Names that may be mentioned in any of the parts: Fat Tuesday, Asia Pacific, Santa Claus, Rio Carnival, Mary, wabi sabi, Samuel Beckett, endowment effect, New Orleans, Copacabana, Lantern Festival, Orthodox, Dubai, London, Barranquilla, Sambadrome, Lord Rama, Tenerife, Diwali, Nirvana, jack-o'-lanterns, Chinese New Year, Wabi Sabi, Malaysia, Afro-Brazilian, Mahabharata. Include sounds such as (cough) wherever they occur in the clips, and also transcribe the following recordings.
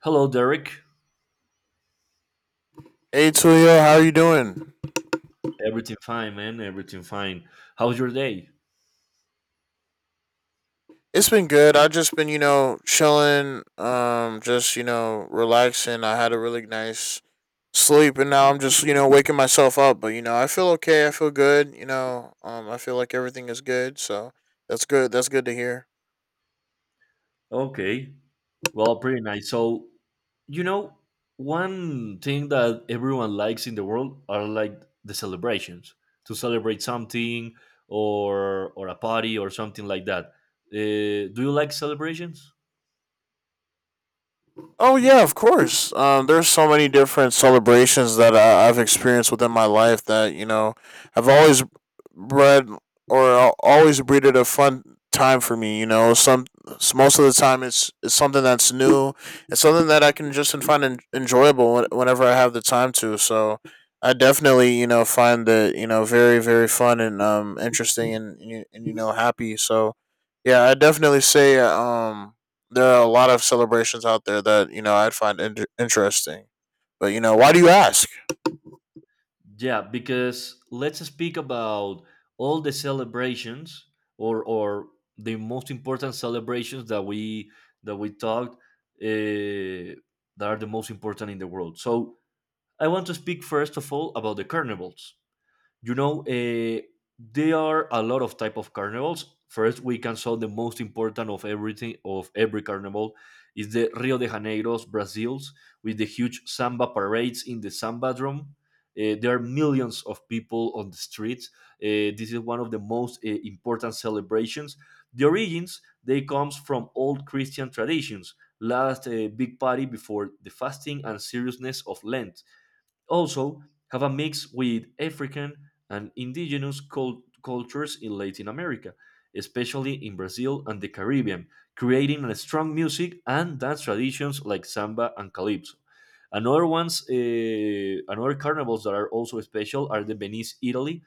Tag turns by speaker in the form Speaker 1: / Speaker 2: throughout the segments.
Speaker 1: Hello, Derek.
Speaker 2: Hey Tulio, how are you doing?
Speaker 1: Everything fine, man. Everything fine. How's your day?
Speaker 2: It's been good. I've just been, chilling, just, relaxing. I had a really nice sleep, and now I'm just, waking myself up. But, I feel okay, I feel good. I feel like everything is good, so that's good. That's good to hear.
Speaker 1: Okay. Well, pretty nice. So, you know, one thing that everyone likes in the world are like the celebrations to celebrate something or a party or something like that. Do you like celebrations?
Speaker 2: Oh yeah, of course. There's so many different celebrations that I've experienced within my life that I've always bred or always breeded a fun time for me. You know, most of the time it's something that's new. It's something that I can just find enjoyable whenever I have the time to. So I definitely find that very very fun and interesting and you, and, happy. So yeah, I definitely say there are a lot of celebrations out there that I'd find interesting. But you know, why do you ask?
Speaker 1: Yeah, because let's speak about all the celebrations or the most important celebrations that we talked uh, that are the most important in the world. So I want to speak first of all about the carnivals. You know, uh, there are a lot of type of carnivals. First, we can saw the most important of everything of every carnival is the Rio de Janeiro's Brazils with the huge samba parades in the samba drum. There are millions of people on the streets. This is one of the most important celebrations. The origins they comes from old Christian traditions. Last big party before the fasting and seriousness of Lent also, have a mix with African and indigenous cultures in Latin America, especially in Brazil and the Caribbean, creating a strong music and dance traditions like samba and calypso. Another ones, another carnivals that are also special are the Venice, Italy,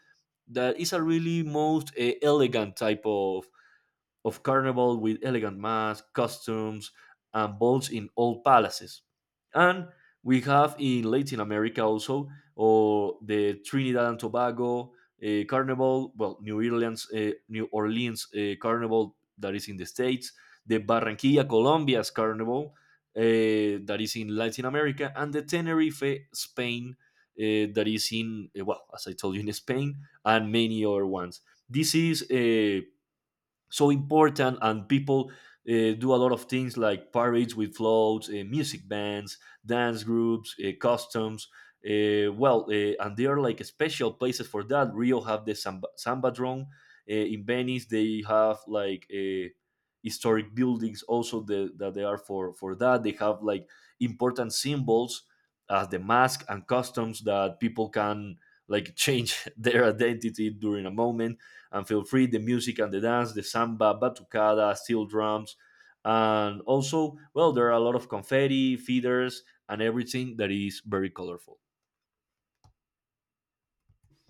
Speaker 1: that is a really most elegant type of carnival with elegant masks, costumes, and balls in all palaces. And we have in Latin America also, or the Trinidad and Tobago Carnival, well, New Orleans Carnival that is in the States, the Barranquilla, Colombia's Carnival that is in Latin America, and the Tenerife, Spain, that is in, well, as I told you, in Spain, and many other ones. This is a so important and people do a lot of things like parades with floats, music bands, dance groups, customs, and they are like special places for that. Rio have the samba drone, in Venice they have like historic buildings, also that they are for that. They have like important symbols as the mask and customs that people can like change (laughs) their identity during a moment and feel free the music and the dance, the samba batucada, steel drums, and also well, there are a lot of confetti feeders and everything that is very colorful.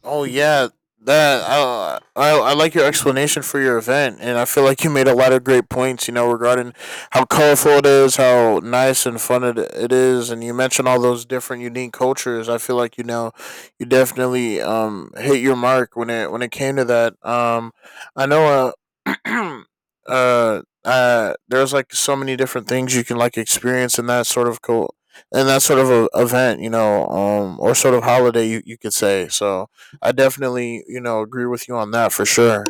Speaker 2: Oh yeah, that I like your explanation for your event, and I feel like you made a lot of great points. You know, regarding how colorful it is, how nice and fun it is, and you mentioned all those different unique cultures. I feel like you definitely hit your mark when it came to that. I know uh (clears throat) there's like so many different things you can like experience in that sort of event, you know, or sort of holiday, you could say. So, I definitely, you know, agree with you on that for sure.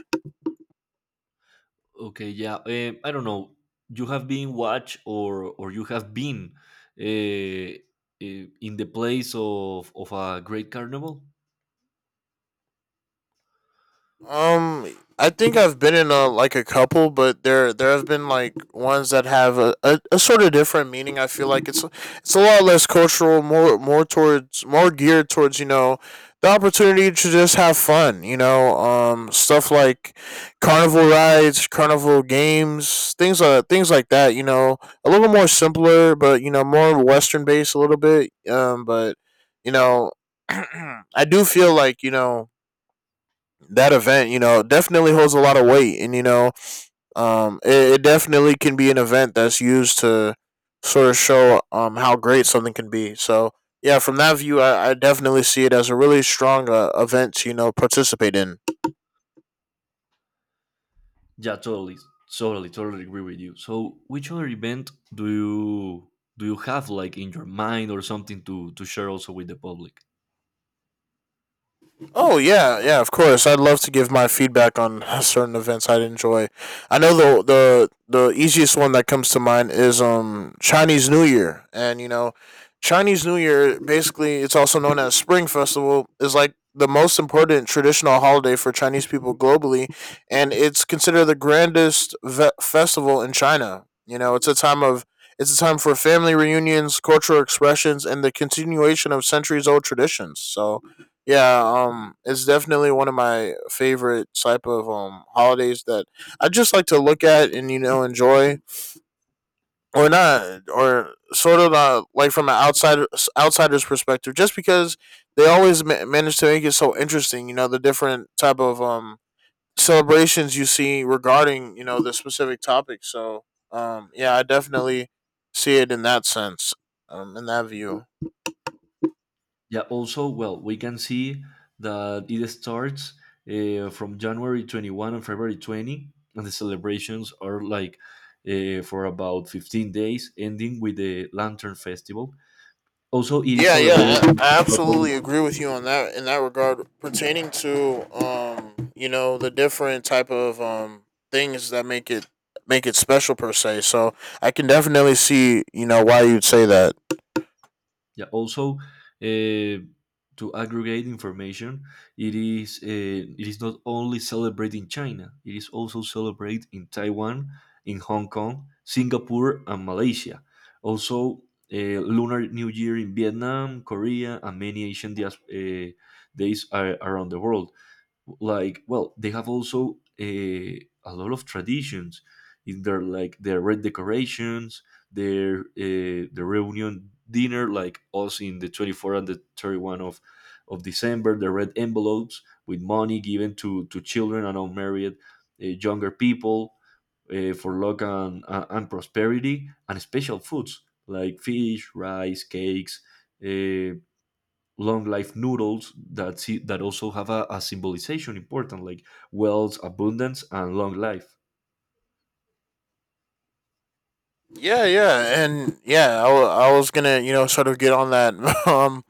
Speaker 1: Okay, yeah, I don't know, you have been watched or you have been eh, in the place of a great carnival.
Speaker 2: I think I've been in a like a couple, but there have been like ones that have a sort of different meaning. I feel like it's a lot less cultural, more towards more geared towards the opportunity to just have fun. You know, stuff like carnival rides, carnival games, things like that. You know, a little more simpler, but you know more Western based a little bit. But you know, (clears throat) I do feel like that event, you know, definitely holds a lot of weight, and you know, it definitely can be an event that's used to sort of show how great something can be. So yeah, from that view, I definitely see it as a really strong event to participate in.
Speaker 1: Yeah, totally, totally agree with you. So which other event do you have like in your mind or something to share also with the public?
Speaker 2: Oh yeah, yeah, of course. I'd love to give my feedback on certain events I'd enjoy. I know the easiest one that comes to mind is Chinese New Year, and you know, Chinese New Year basically it's also known as Spring Festival is like the most important traditional holiday for Chinese people globally, and it's considered the festival in China. You know, it's a time for family reunions, cultural expressions, and the continuation of centuries old traditions. So yeah, it's definitely one of my favorite type of holidays that I just like to look at and enjoy or not or sort of like from an outsider's perspective, just because they always manage to make it so interesting. You know, the different type of celebrations you see regarding the specific topic. So yeah, I definitely see it in that sense, in that view.
Speaker 1: Yeah. Also, well, we can see that it starts from January 21st and February 20th, and the celebrations are like for about 15 days, ending with the Lantern Festival. Also, it is
Speaker 2: Yeah, yeah,
Speaker 1: celebrated
Speaker 2: I,
Speaker 1: not only.
Speaker 2: absolutely agree with you on that in that regard pertaining to you know, the different type of things that make it special per se. So, I can definitely see, you know, why you'd say that.
Speaker 1: Yeah. Also, uh, to aggregate information, it is not only celebrated in China. It is also celebrated in Taiwan, in Hong Kong, Singapore, and Malaysia. Also, Lunar New Year in Vietnam, Korea, and many Asian days are around the world. Like well, they have also a lot of traditions in their, like their red decorations, their, the reunion dinner like us in the 24th and the 31st of December, the red envelopes with money given to children and unmarried younger people for luck and prosperity, and special foods like fish, rice cakes, uh, long life noodles that see, that also have a symbolization important, like wealth, abundance, and long life.
Speaker 2: Yeah, yeah, and yeah, I was gonna sort of get on that (laughs) um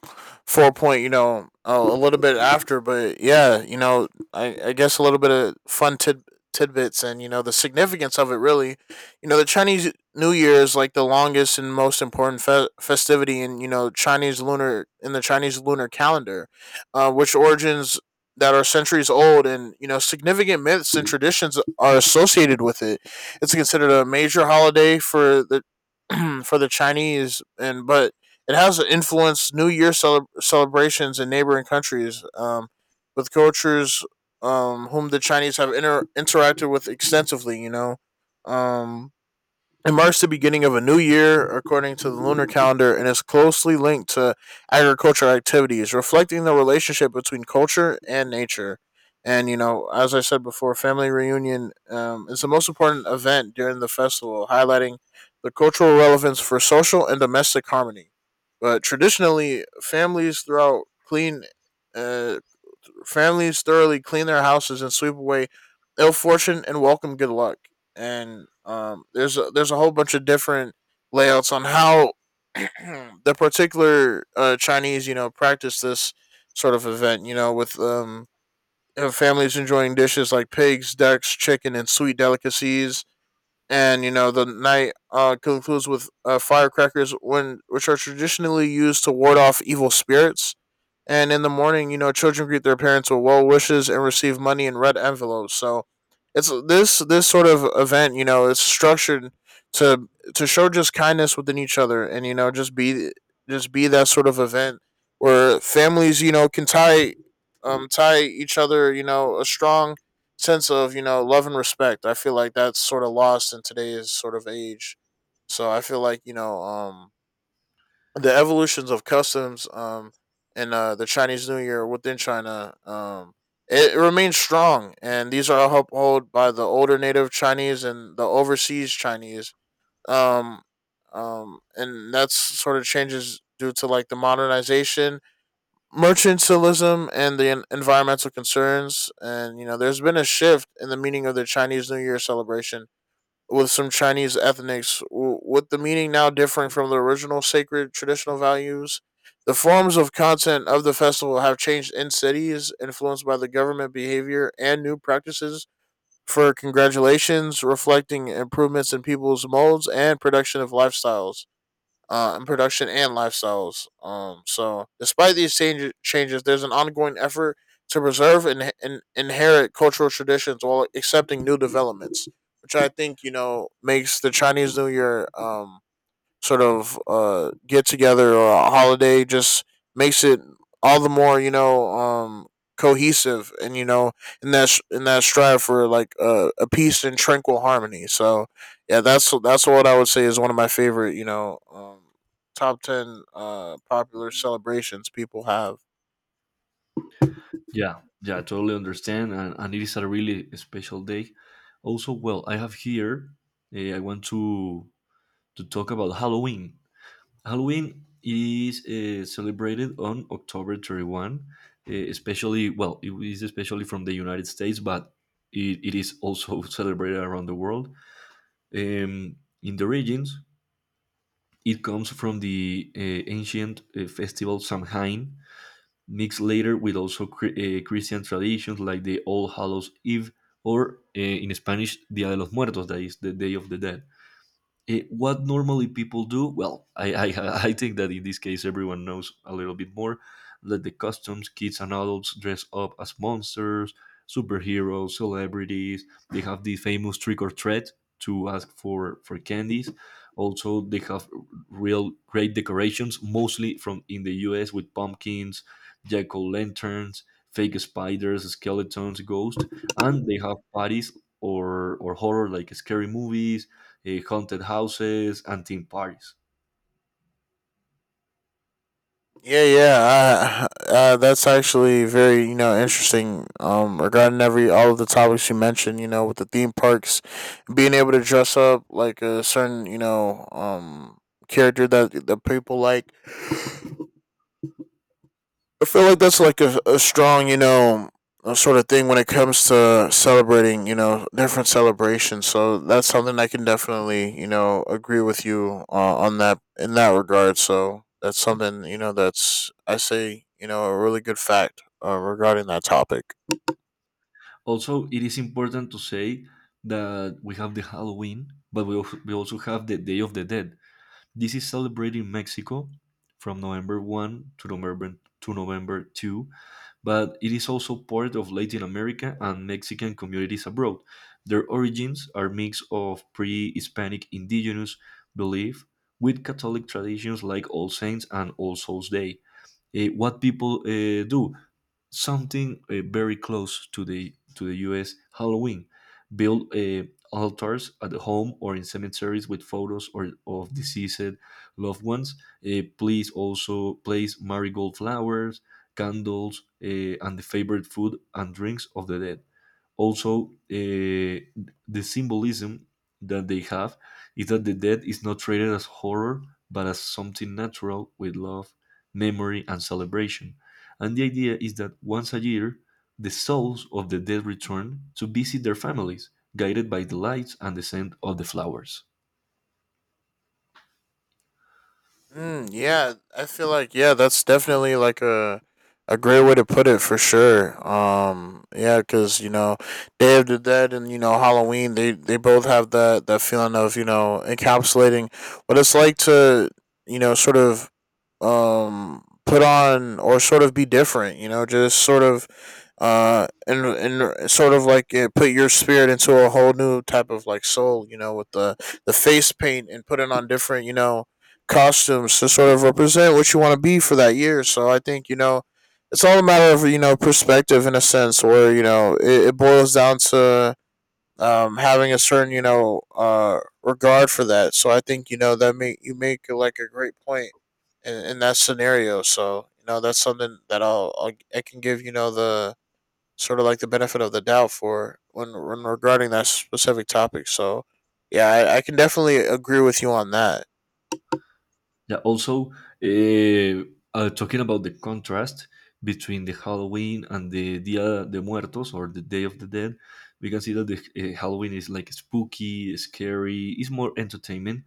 Speaker 2: four point a little bit after, but yeah, you know I guess a little bit of fun tidbits and the significance of it really, you know the Chinese New Year is like the longest and most important festivity in you know Chinese lunar in the Chinese lunar calendar, which origins that are centuries old, and you know significant myths and traditions are associated with it. It's considered a major holiday for the (clears throat) for the Chinese, and but it has influenced New Year celebrations in neighboring countries, with cultures whom the Chinese have interacted with extensively. You know, um, it marks the beginning of a new year according to the lunar calendar and is closely linked to agricultural activities, reflecting the relationship between culture and nature. And, you know, as I said before, family reunion is the most important event during the festival, highlighting the cultural relevance for social and domestic harmony. But traditionally, families throughout clean. Uh, Families thoroughly clean their houses and sweep away ill fortune and welcome good luck. And there's a whole bunch of different layouts on how (clears throat) the particular Chinese, you know, practice this sort of event. You know, with families enjoying dishes like pigs, ducks, chicken, and sweet delicacies. And you know, the night concludes with firecrackers, when which are traditionally used to ward off evil spirits, and in the morning, you know, children greet their parents with well wishes and receive money in red envelopes. So it's this sort of event, you know, it's structured to to show just kindness within each other, and you know, just be that sort of event where families, you know, can tie tie each other, you know, a strong sense of, you know, love and respect. I feel like that's sort of lost in today's sort of age. So I feel like, you know, the evolutions of customs and the Chinese New Year within China it remains strong, and these are upheld by the older native Chinese and the overseas Chinese um and that's sort of changes due to like the modernization, mercantilism, and the environmental concerns, and you know there's been a shift in the meaning of the Chinese New Year celebration with some Chinese ethnics, with the meaning now differing from the original sacred traditional values. The forms of content of the festival have changed in cities, influenced by the government behavior and new practices for congratulations, reflecting improvements in people's molds and production of lifestyles in production and lifestyles. So, despite these changes, there's an ongoing effort to preserve and inherit cultural traditions while accepting new developments, which I think you know makes the Chinese New Year sort of get together or a holiday just makes it all the more you know cohesive and you know in in that strive for like a peace and tranquil harmony. So yeah, that's what I would say is one of my favorite you know top ten popular celebrations people have.
Speaker 1: Yeah, yeah, I totally understand, and it is a really special day. Also, well, I have here, I want to talk about Halloween. Halloween is celebrated on October 31st, eh, especially well it is especially from the United States, but it is also (laughs) celebrated around the world, um, in the regions. It comes from the ancient festival Samhain, mixed later with also Christian traditions like the All Hallows Eve, or in Spanish Dia de los Muertos, that is the Day of the Dead. It, what normally people do, well, I (laughs) I think that in this case everyone knows a little bit more, that the customs, kids and adults dress up as monsters, superheroes, celebrities. They have the famous trick or treat to ask for candies. Also they have real great decorations, mostly from in the US, with pumpkins, jack-o'-lanterns, fake spiders, skeletons, ghosts, and they have parties, or horror like scary movies, haunted houses, and theme parties.
Speaker 2: Yeah, yeah, (laughs) that's actually very you know interesting. Regarding every all of the topics you mentioned, you know, with the theme parks being able to dress up like a certain you know character that people like, I feel like that's like a strong you know sort of thing when it comes to celebrating you know different celebrations, so that's something I can definitely you know agree with you on that in that regard, so that's something you know that's I say you know a really good fact regarding that topic.
Speaker 1: Also, it is important to say that we have the Halloween, but we also have the Day of the Dead. This is celebrated in Mexico from November 1st to November 2nd, but it is also part of Latin America and Mexican communities abroad. Their origins are a mix of pre-Hispanic indigenous belief with Catholic traditions like All Saints and All Souls Day. Eh, what people do? Something very close to the U.S. Halloween. Build altars at home or in cemeteries with photos or of deceased loved ones. Please also place marigold flowers, candles, and the favorite food and drinks of the dead. Also, the symbolism that they have is that the death is not treated as horror, but as something natural with love, memory, and celebration. And the idea is that once a year, the souls of the dead return to visit their families, guided by the lights and the scent of the flowers.
Speaker 2: Mm, yeah, I feel like yeah, that's definitely like a great way to put it for sure. Yeah, because you know, Day of the Dead and you know Halloween, they both have that feeling of you know encapsulating what it's like to you know sort of put on or sort of be different you know just sort of and sort of like yeah, put your spirit into a whole new type of like soul, you know, with the face paint and putting on different you know costumes to sort of represent what you want to be for that year, so I think you know it's all a matter of you know perspective in a sense where you know it boils down to having a certain you know regard for that. So I think you know that make you make like a great point in that scenario. So you know that's something that I'll I can give you know the sort of like the benefit of the doubt for when regarding that specific topic. So yeah, I can definitely agree with you on that.
Speaker 1: Yeah. Also, uh, talking about the contrast between the Halloween and the Dia de Muertos, or the Day of the Dead, we can see that the Halloween is like spooky, scary, is more entertainment,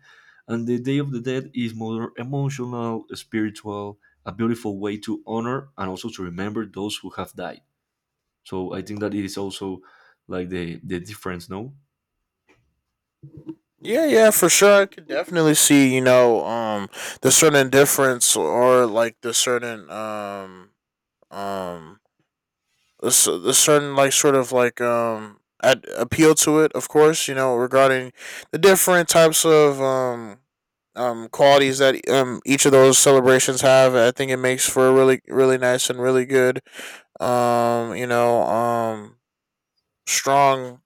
Speaker 1: and the Day of the Dead is more emotional, spiritual, a beautiful way to honor and also to remember those who have died. So I think that it is also like the difference, no?
Speaker 2: Yeah, yeah, for sure. I could definitely see, the certain difference or like the certain um a certain like sort of like appeal to it, of course, you know, regarding the different types of qualities that each of those celebrations have. I think it makes for a really nice and really good um you know um strong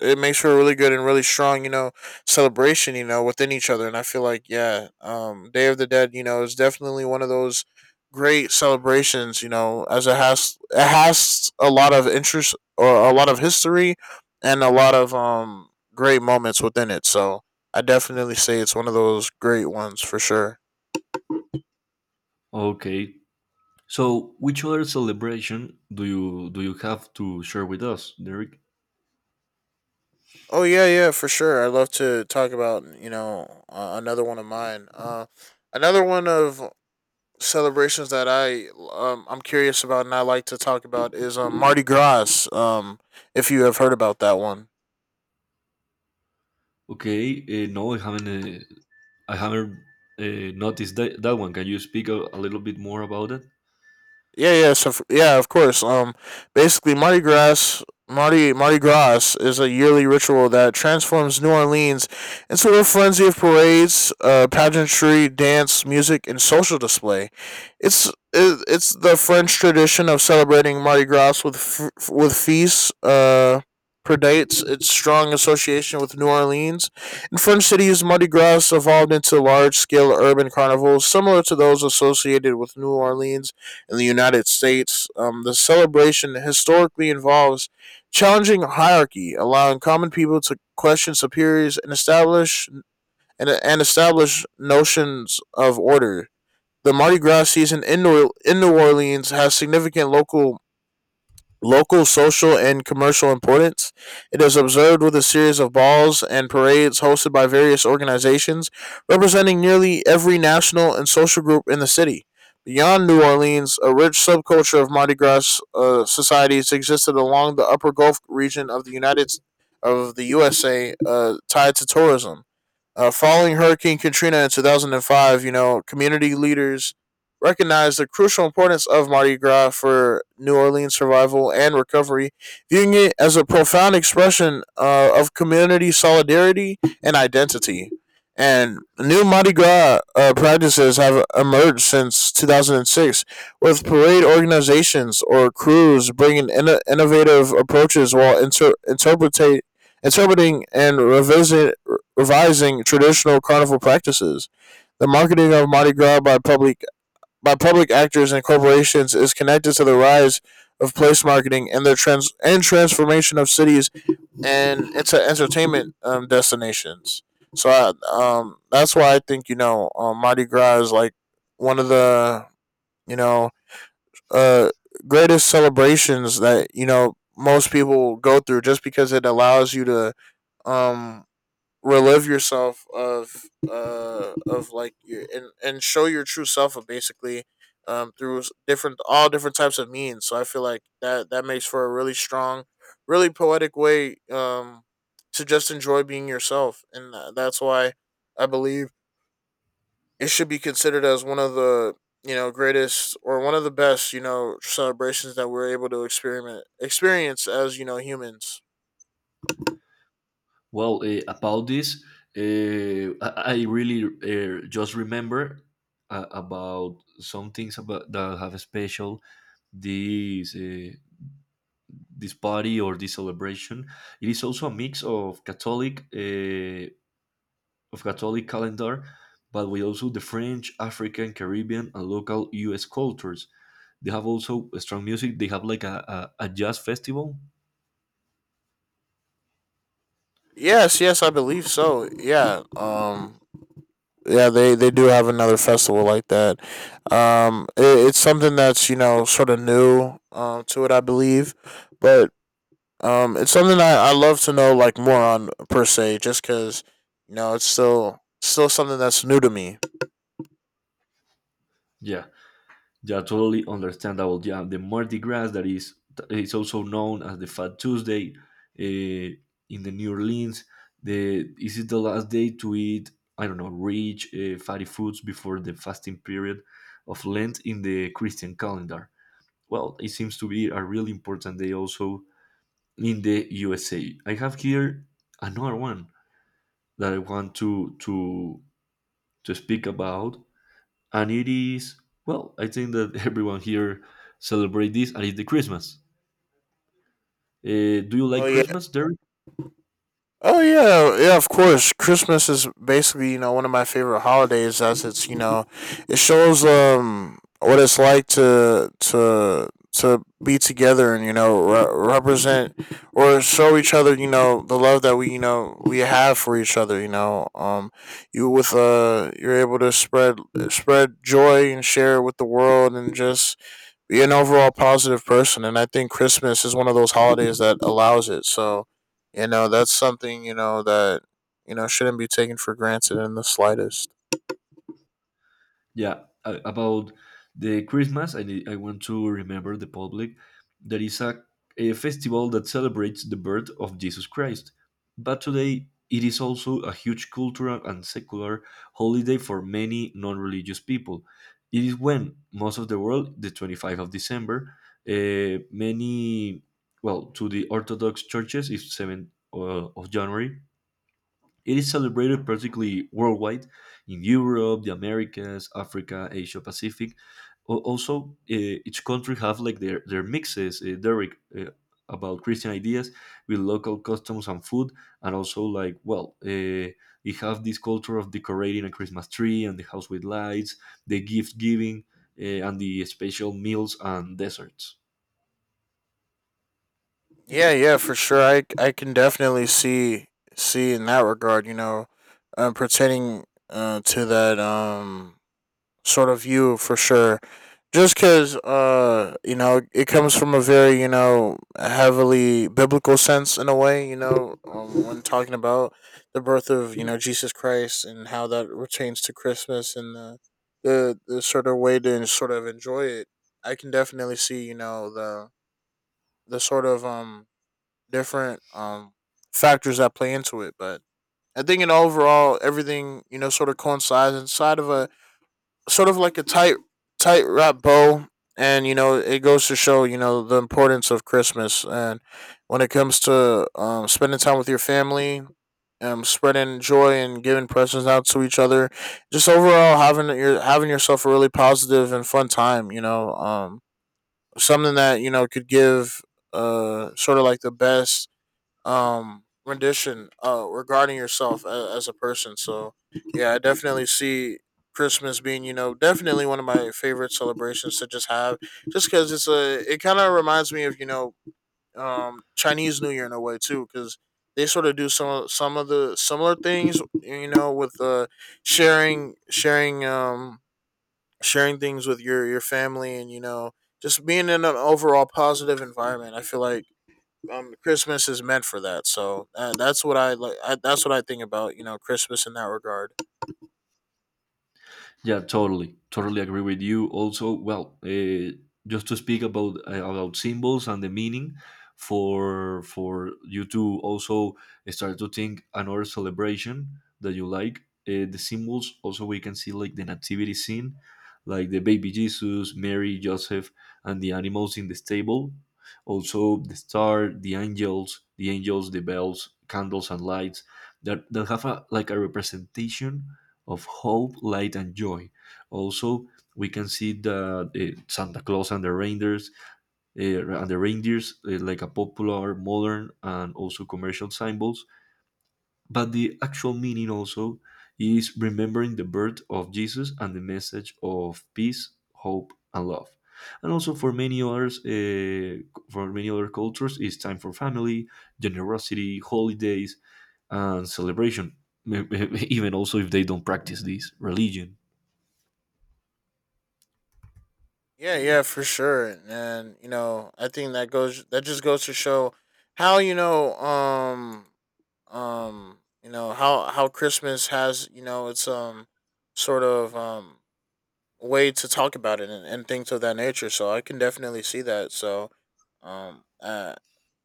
Speaker 2: it makes for a really good and really strong, you know, celebration, you know, within each other. And I feel like, yeah, Day of the Dead, you know, is definitely one of those great celebrations, you know, as it has a lot of interest or a lot of history and a lot of great moments within it. So I definitely say it's one of those great ones for sure.
Speaker 1: Okay. So, which other celebration do you have to share with us, Derek?
Speaker 2: Oh yeah, yeah, for sure. I'd love to talk about another one of mine. Another one of celebrations that I I'm curious about and I like to talk about is Mardi Gras. If you have heard about that one.
Speaker 1: Okay, no, I haven't. Uh, I haven't noticed that one. Can you speak a little bit more about it?
Speaker 2: Yeah, yeah, of course. Basically, Mardi Gras is a yearly ritual that transforms New Orleans into a frenzy of parades, pageantry, dance, music, and social display. It's it's the French tradition of celebrating Mardi Gras with with feasts. Predates its strong association with New Orleans. In French cities, Mardi Gras evolved into large-scale urban carnivals similar to those associated with New Orleans in the United States. The celebration historically involves challenging hierarchy, allowing common people to question superiors and and establish notions of order. The Mardi Gras season in New Orleans has significant local social and commercial importance. It is observed with a series of balls and parades hosted by various organizations representing nearly every national and social group in the city. Beyond New Orleans, a rich subculture of Mardi Gras societies existed along the Upper Gulf region of the USA, tied to tourism. Following Hurricane Katrina in 2005, you know, community leaders recognized the crucial importance of Mardi Gras for New Orleans survival and recovery, viewing it as a profound expression of community solidarity and identity. And new Mardi Gras practices have emerged since 2006, with parade organizations or crews bringing innovative approaches while inter- interpretate interpreting and revising traditional carnival practices. The marketing of Mardi Gras by public actors and corporations is connected to the rise of place marketing and transformation of cities and into entertainment destinations. So that's why I think you know Mardi Gras is like one of the you know uh, greatest celebrations that you know most people go through, just because it allows you to um, relive yourself of like your and show your true self of basically different all different types of means. So I feel like that makes for a really strong, really poetic way to just enjoy being yourself. And that's why I believe it should be considered as one of the, you know, greatest or one of the best, you know, celebrations that we're able to experiment experience as, you know, humans.
Speaker 1: Well, about this, I really just remember about some things about that have a special, this uh, this party or this celebration. It is also a mix of Catholic, calendar, but with also the French, African, Caribbean, and local US cultures. They have also strong music. They have like a jazz festival.
Speaker 2: Yes, yes, I believe so. Yeah, yeah, they do have another festival like that. It's something that's, you know, sort of new to it, I believe, but it's something I love to know like more on per se, just because, you know, it's still something that's new to me.
Speaker 1: Yeah, yeah, totally understandable. Yeah, the Mardi Gras, that is, it's also known as the Fat Tuesday, uh, in the New Orleans. The, is it the last day to eat? I don't know, rich fatty foods before the fasting period of Lent in the Christian calendar. Well, it seems to be a really important day also in the USA. I have here another one that I want to speak about, and it is, well, I think that (laughs) everyone here celebrate this, and it's the Christmas. Do you like
Speaker 2: Oh yeah.
Speaker 1: Christmas, Derek?
Speaker 2: Oh yeah, yeah, of course. Christmas is basically, you know, one of my favorite holidays as it's, you know, it shows what it's like to be together, and, you know, represent or show each other, you know, the love that we have for each other, you know. You with you're able to spread joy and share it with the world, and just be an overall positive person. And I think Christmas is one of those holidays that allows it. So you know, that's something, you know, that, you know, shouldn't be taken for granted in the slightest.
Speaker 1: Yeah, about the Christmas, I want to remember the public. There is a festival that celebrates the birth of Jesus Christ. But today, it is also a huge cultural and secular holiday for many non religious people. It is when most of the world, the 25th of December, uh, many, well, to the Orthodox churches, is 7th uh, of January, it is celebrated practically worldwide in Europe, the Americas, Africa, Asia Pacific. Also, each country have like their mixes, Derek, about Christian ideas with local customs and food, and also like, well, they have this culture of decorating a Christmas tree and the house with lights, the gift giving, and the special meals and desserts.
Speaker 2: Yeah, yeah, for sure. I can definitely see in that regard. You know, pertaining to that sort of you for sure. Just because, you know, it comes from a very, you know, heavily biblical sense in a way, you know, when talking about the birth of, you know, Jesus Christ and how that pertains to Christmas and the sort of way to sort of enjoy it. I can definitely see, you know, the sort of, different, factors that play into it. But I think in overall, everything, you know, sort of coincides inside of a, sort of like a tight wrap bow. And you know it goes to show you know the importance of Christmas and when it comes to, spending time with your family, spreading joy, and giving presents out to each other, just overall having yourself a really positive and fun time, you know. Something that you know could give sort of like the best rendition regarding yourself as a person. So yeah, I definitely see Christmas being, you know, definitely one of my favorite celebrations to just have, just because it's a, it kind of reminds me of, you know, Chinese New Year in a way too, because they sort of do some of the similar things, you know, with sharing sharing um sharing things with your family. And you know, just being in an overall positive environment, I feel like Christmas is meant for that. So that's what I like. That's what I think about, you know, Christmas in that regard.
Speaker 1: Yeah, totally agree with you. Also, just to speak about symbols and the meaning for you to also start to think another celebration that you like. The symbols also we can see, like the nativity scene, like the baby Jesus, Mary, Joseph, and the animals in the stable. Also, the star, the angels, the bells, candles, and lights that have a like a representation of hope, light, and joy. Also, we can see the Santa Claus and the reindeers like a popular, modern, and also commercial symbols. But the actual meaning also is remembering the birth of Jesus and the message of peace, hope, and love. And also for many others, for many other cultures, it's time for family, generosity, holidays, and celebration. (laughs) Even also if they don't practice this religion.
Speaker 2: Yeah, yeah, for sure. And you know, I think that just goes to show how you know how Christmas has, you know, its sort of um way to talk about it, and things of that nature. So I can definitely see that. So um uh,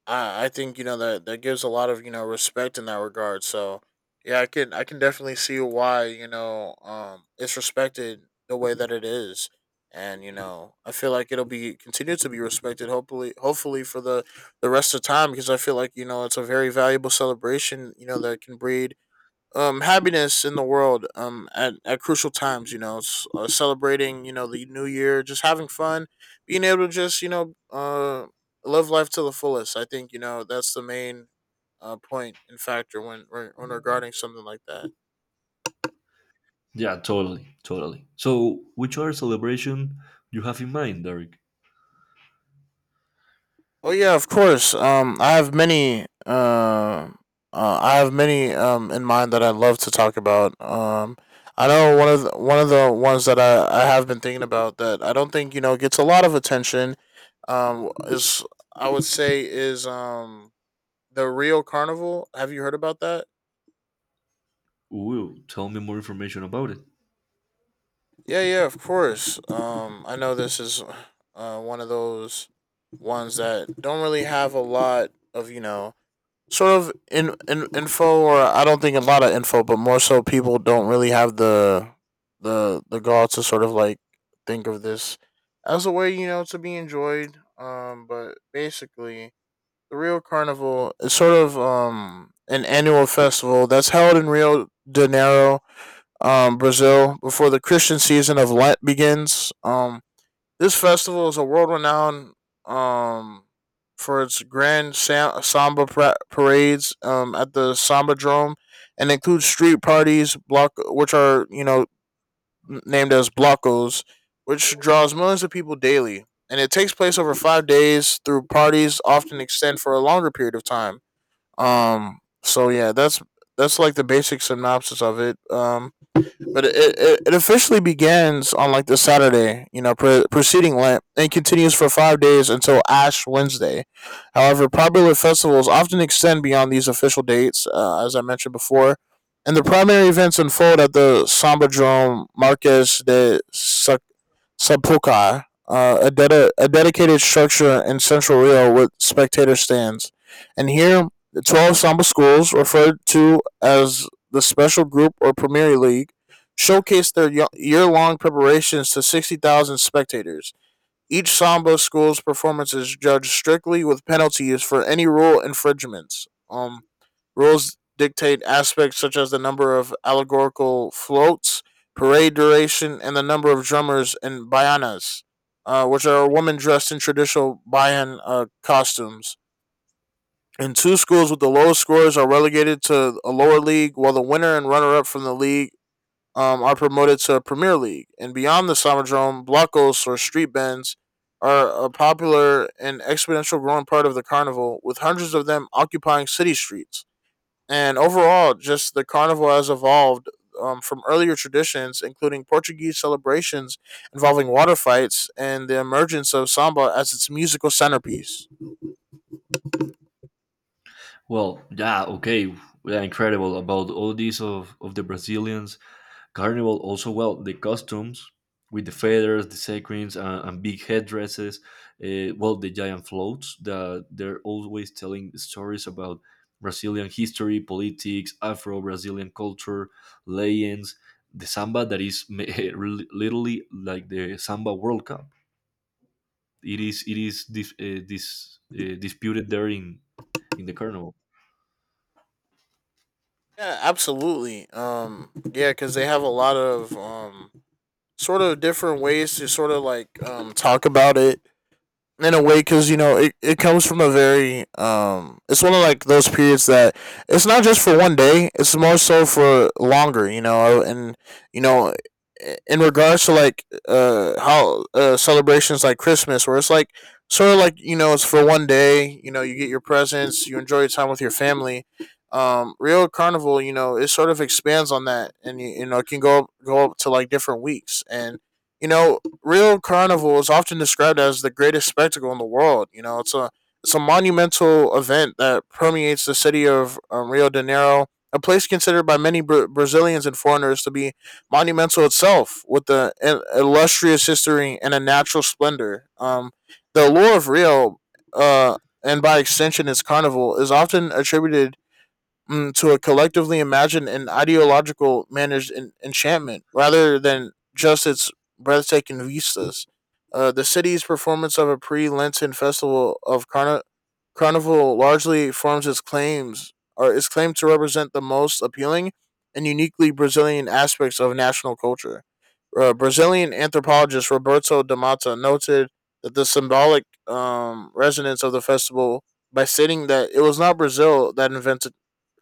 Speaker 2: I think you know that that gives a lot of, you know, respect in that regard. So yeah, I can definitely see why you know it's respected the way that it is, and you know I feel like it'll be continue to be respected. Hopefully for the rest of time, because I feel like you know it's a very valuable celebration. You know that can breed happiness in the world at crucial times, you know, celebrating you know the new year, just having fun, being able to just you know live life to the fullest. I think you know that's the main point and factor when regarding something like that.
Speaker 1: Yeah, totally. So, which other celebration you have in mind, Derek?
Speaker 2: Oh yeah, of course. I have many. I have many in mind that I love to talk about. I know one of the ones that I have been thinking about that I don't think you know gets a lot of attention. Is I would say is the Rio Carnival. Have you heard about that?
Speaker 1: Ooh, tell me more information about it.
Speaker 2: Yeah, yeah, of course. I know this is one of those ones that don't really have a lot of you know sort of in info, or I don't think a lot of info, but more so people don't really have the gall to sort of like think of this as a way, you know, to be enjoyed. But basically, the Rio Carnival is sort of an annual festival that's held in Rio de Janeiro, Brazil, before the Christian season of Lent begins. This festival is a world renowned um for its grand samba parades at the Samba Drome, and includes street parties block which are, you know, named as blocos, which draws millions of people daily. And it takes place over five days, through parties often extend for a longer period of time. So yeah, that's like the basic synopsis of it. But it officially begins on like this Saturday, you know, preceding Lent, and continues for five days until Ash Wednesday. However, popular festivals often extend beyond these official dates, as I mentioned before, and the primary events unfold at the Sambadrome Seppukai, a dedicated structure in central Rio with spectator stands. And here, the 12 Samba schools, referred to as the Special Group or Premier League, showcased their year long preparations to 60,000 spectators. Each Samba school's performance is judged strictly with penalties for any rule infringements. Rules dictate aspects such as the number of allegorical floats, parade duration, and the number of drummers and bayanas, which are women dressed in traditional bayan costumes. And two schools with the lowest scores are relegated to a lower league, while the winner and runner up from the league are promoted to Premier League. And beyond the Summerdome, blockos or street bands are a popular and exponential growing part of the carnival, with hundreds of them occupying city streets. And overall, just the carnival has evolved from earlier traditions, including Portuguese celebrations involving water fights and the emergence of samba as its musical centerpiece.
Speaker 1: Well, yeah, okay, yeah, incredible about all these of the Brazilians Carnival. Also, well, the costumes with the feathers, the sequins, and big headdresses. Well, the giant floats that they're always telling stories about Brazilian history, politics, Afro-Brazilian culture, legends. The samba that is (laughs) literally like the samba World Cup. It is disputed there in the carnival.
Speaker 2: Yeah, absolutely. Yeah, because they have a lot of sort of different ways to sort of like talk about it in a way, because it comes from a very, it's one of like those periods that it's not just for one day, it's more so for longer. You know and you know in regards to like how celebrations like Christmas, where it's like sort of like, it's for one day, you get your presents, you enjoy your time with your family. Real carnival, it sort of expands on that, and you know it can go up to like different weeks, and you know Rio Carnival is often described as the greatest spectacle in the world. You know, it's a monumental event that permeates the city of, Rio de Janeiro, a place considered by many Brazilians and foreigners to be monumental itself, with the illustrious history and a natural splendor. The allure of Rio, uh, and by extension its carnival, is often attributed, to a collectively imagined and ideological managed enchantment rather than just its breathtaking vistas. The city's performance of a pre-Lenten festival of carnival largely forms its claims, or is claimed to represent the most appealing and uniquely Brazilian aspects of national culture. Brazilian anthropologist Roberto de Mata noted that the symbolic, resonance of the festival by stating that it was not Brazil that invented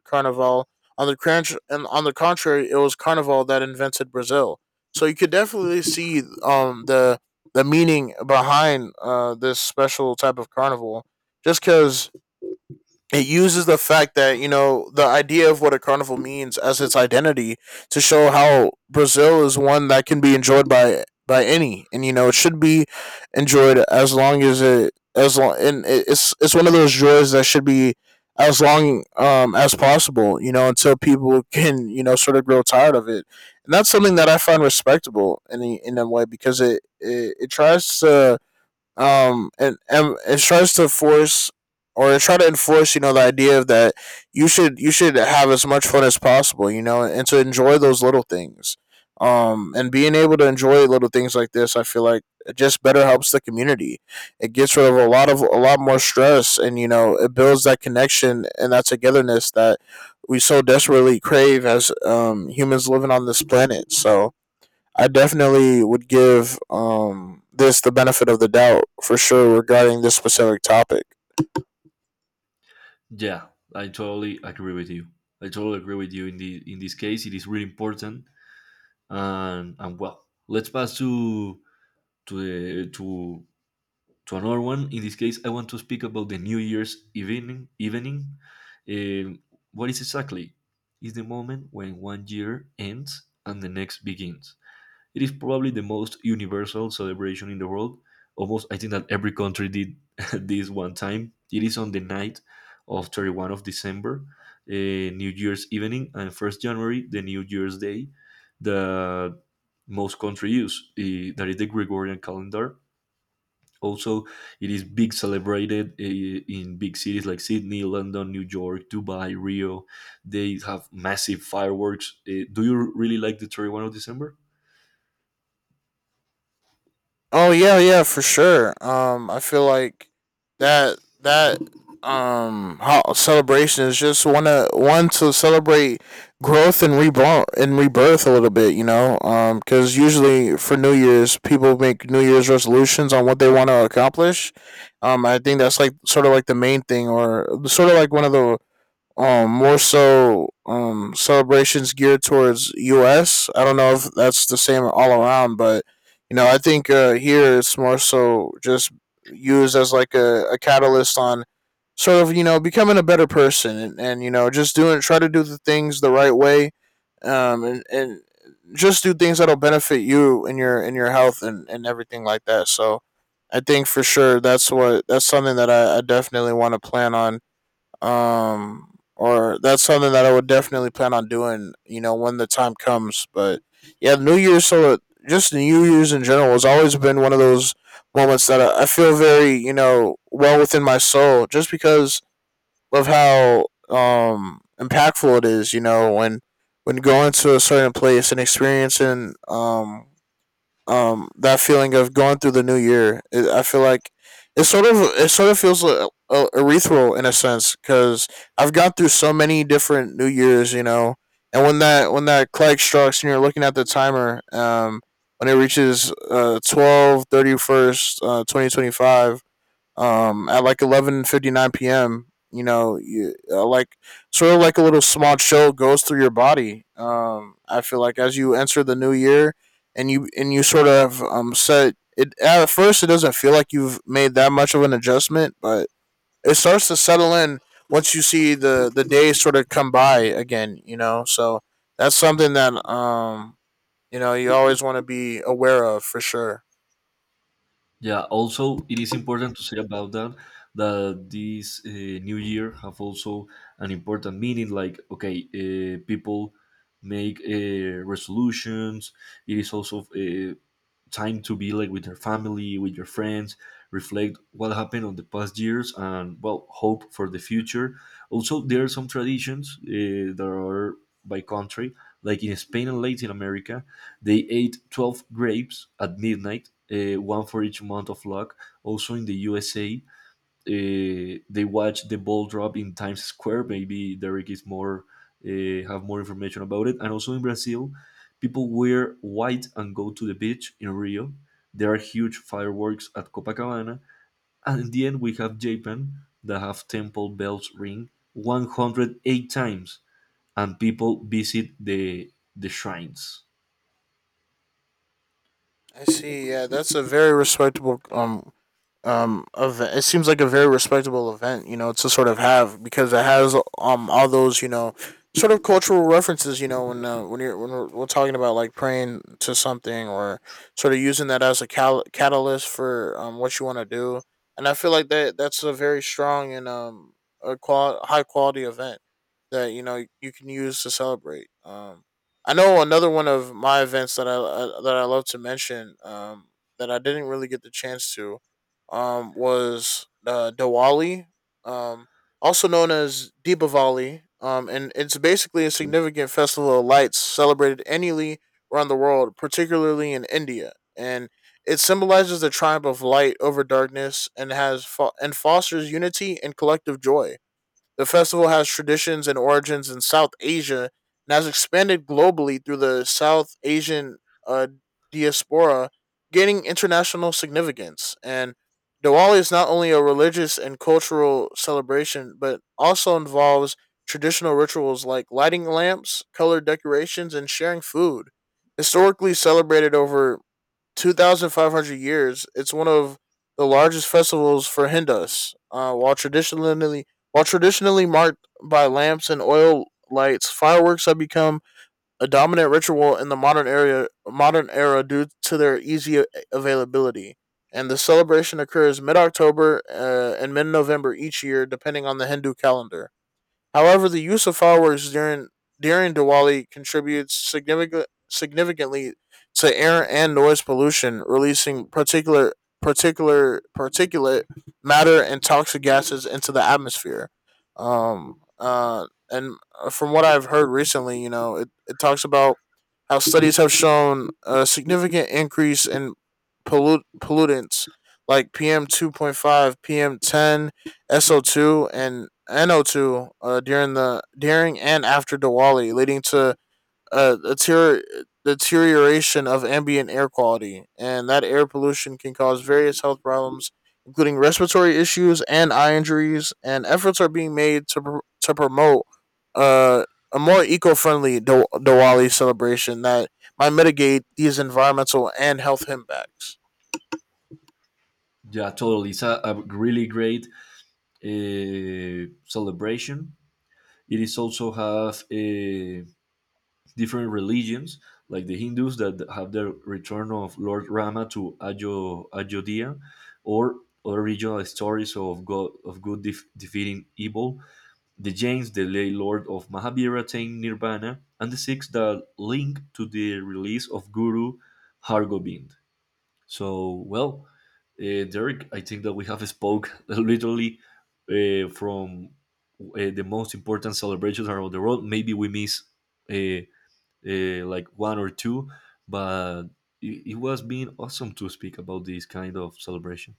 Speaker 2: Carnival. On the contrary, it was Carnival that invented Brazil. So you could definitely see, the meaning behind this special type of carnival, just because it uses the fact that, the idea of what a carnival means as its identity, to show how Brazil is one that can be enjoyed by any, and it should be enjoyed, as long as it as long and it- it's one of those joys that should be as long, as possible, you know, until people can, sort of grow tired of it. And that's something that I find respectable in in a way, because it tries to, force, or try to enforce, the idea of that you should have as much fun as possible, and to enjoy those little things. And being able to enjoy little things like this, I feel like it just better helps the community. It gets rid of a lot more stress, and it builds that connection and that togetherness that we so desperately crave as, humans living on this planet. So I definitely would give, this the benefit of the doubt for sure regarding this specific topic.
Speaker 1: Yeah, I totally agree with you. In the in this case. It is really important, and well, let's pass to to the to another one. In this case I want to speak about the new year's evening. Um, what is exactly, is the moment when one year ends and the next begins. It is probably the most universal celebration in the world. Almost, I think that every country did (laughs) this one time. It is on the night of 31st of December, New Year's evening, and 1st January, the New Year's Day, the most country use, that is the Gregorian calendar. Also, it is big celebrated, in big cities like Sydney, London, New York, Dubai, Rio. They have massive fireworks. Eh, do you really like the 31st of December?
Speaker 2: Oh yeah, yeah, for sure. I feel like that that celebration is just one to celebrate growth and reborn and rebirth a little bit. Cuz usually for New Year's, people make New Year's resolutions on what they want to accomplish. I think that's like sort of like the main thing, or sort of like one of the, more so, celebrations geared towards us. I don't know if that's the same all around, but I think here it's more so just used as like a catalyst on sort of, becoming a better person, and just doing try to do the things the right way. And just do things that'll benefit you and your health, and everything like that. So I think for sure that's what that's something that I definitely want to plan on, or that's something that I would definitely plan on doing, you know, when the time comes. But yeah, New Year's so just New Year's in general has always been one of those moments that I feel very, well within my soul, just because of how, impactful it is, you know, when going to a certain place and experiencing, that feeling of going through the new year. I feel like it sort of feels erythral, in a sense, because I've gone through so many different New Years, you know. And when that clock strikes and you're looking at the timer, when it reaches 12 thirty first, 2025, at like 11:59 p.m. You know, like sort of like a little small chill goes through your body. I feel like as you enter the new year, and you sort of, set it at first, it doesn't feel like you've made that much of an adjustment, but it starts to settle in once you see the days sort of come by again, you know. So that's something that, you always want to be aware of for sure.
Speaker 1: Yeah, also it is important to say about that, that this new year have also an important meaning like, okay, people make resolutions. It is also time to be like with your family, with your friends, reflect what happened on the past years, and well, hope for the future. Also, there are some traditions that are by country, like in Spain and Latin America, they ate 12 grapes at midnight, one for each month of luck. Also, in the USA, they watch the ball drop in Times Square. Maybe Derek is more, have more information about it. And also in Brazil, people wear white and go to the beach in Rio. There are huge fireworks at Copacabana, and in the end we have Japan that have temple bells ring 108 times, and people visit the shrines.
Speaker 2: I see. Yeah, that's a very respectable, event. It seems like a very respectable event, to sort of have, because it has, all those, sort of cultural references, when we're talking about like praying to something, or sort of using that as a catalyst for, what you want to do. And I feel like that's a very strong and, high quality event that, you know, you can use to celebrate. I know another one of my events that I love to mention, that I didn't really get the chance to, was, Diwali, um, also known as Deepavali, and it's basically a significant festival of lights celebrated annually around the world, particularly in India. And it symbolizes the triumph of light over darkness and has fo- and fosters unity and collective joy. The festival has traditions and origins in South Asia and has expanded globally through the South Asian, uh, diaspora, gaining international significance. And Diwali is not only a religious and cultural celebration, but also involves traditional rituals like lighting lamps, colored decorations, and sharing food. Historically celebrated over 2,500 years, it's one of the largest festivals for Hindus. While traditionally marked by lamps and oil lights, fireworks have become a dominant ritual in the modern era, due to their easy availability. And the celebration occurs mid October, and mid November each year, depending on the Hindu calendar. However, the use of fireworks during Diwali contributes significantly to air and noise pollution, releasing particular particular particulate matter and toxic gases into the atmosphere. And from what I've heard recently, you know, it talks about how studies have shown a significant increase in pollutants like PM 2.5, PM ten, SO2 and NO2, during the during and after Diwali, leading to a deterioration of ambient air quality. And that air pollution can cause various health problems, including respiratory issues and eye injuries. And efforts are being made to promote, uh, a more eco friendly Diwali celebration that might mitigate these environmental and health impacts.
Speaker 1: Yeah, totally. It's a really great celebration. It is also have a different religions, like the Hindus that have the return of Lord Rama to Ayodhya, or other regional stories of God of good defeating evil. The Jains, the lay lord of Mahabharata, attained Nirvana, and the Sikhs that link to the release of Guru Hargobind. So, well, Derek, I think that we have spoke (laughs) literally from the most important celebrations around the world. Maybe we miss uh, like one or two, but it was being awesome to speak about these kind of celebrations.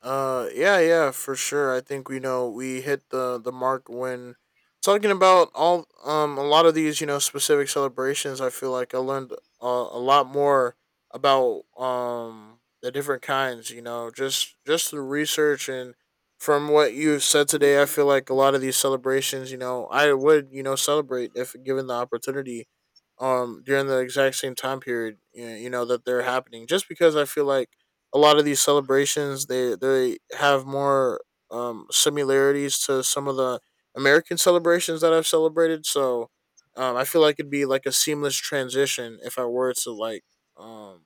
Speaker 2: Yeah, yeah, for sure. I think we know we hit the mark when talking about, all a lot of these, specific celebrations. I feel like I learned, a lot more about, the different kinds. You know, just through research and from what you've said today, I feel like a lot of these celebrations, you know, I would, celebrate if given the opportunity, during the exact same time period, you know that they're happening, just because I feel like a lot of these celebrations, they have more, similarities to some of the American celebrations that I've celebrated. So, I feel like it'd be like a seamless transition if I were to like, um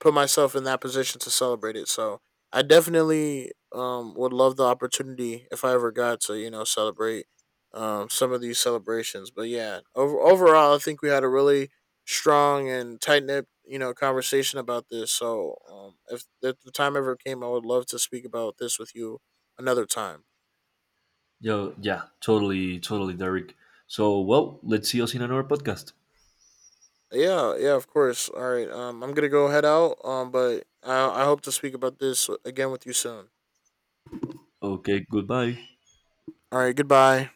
Speaker 2: put myself in that position to celebrate it. So I definitely, would love the opportunity if I ever got to, you know, celebrate, some of these celebrations. But yeah, overall, I think we had a really strong and tight knit, conversation about this. So, if the time ever came, I would love to speak about this with you another time.
Speaker 1: Yo, yeah, totally, Derek. So, well, let's see us in another podcast.
Speaker 2: Yeah, yeah, of course. All right, I'm gonna go head out. But I hope to speak about this again with you soon.
Speaker 1: Okay, goodbye.
Speaker 2: All right, goodbye.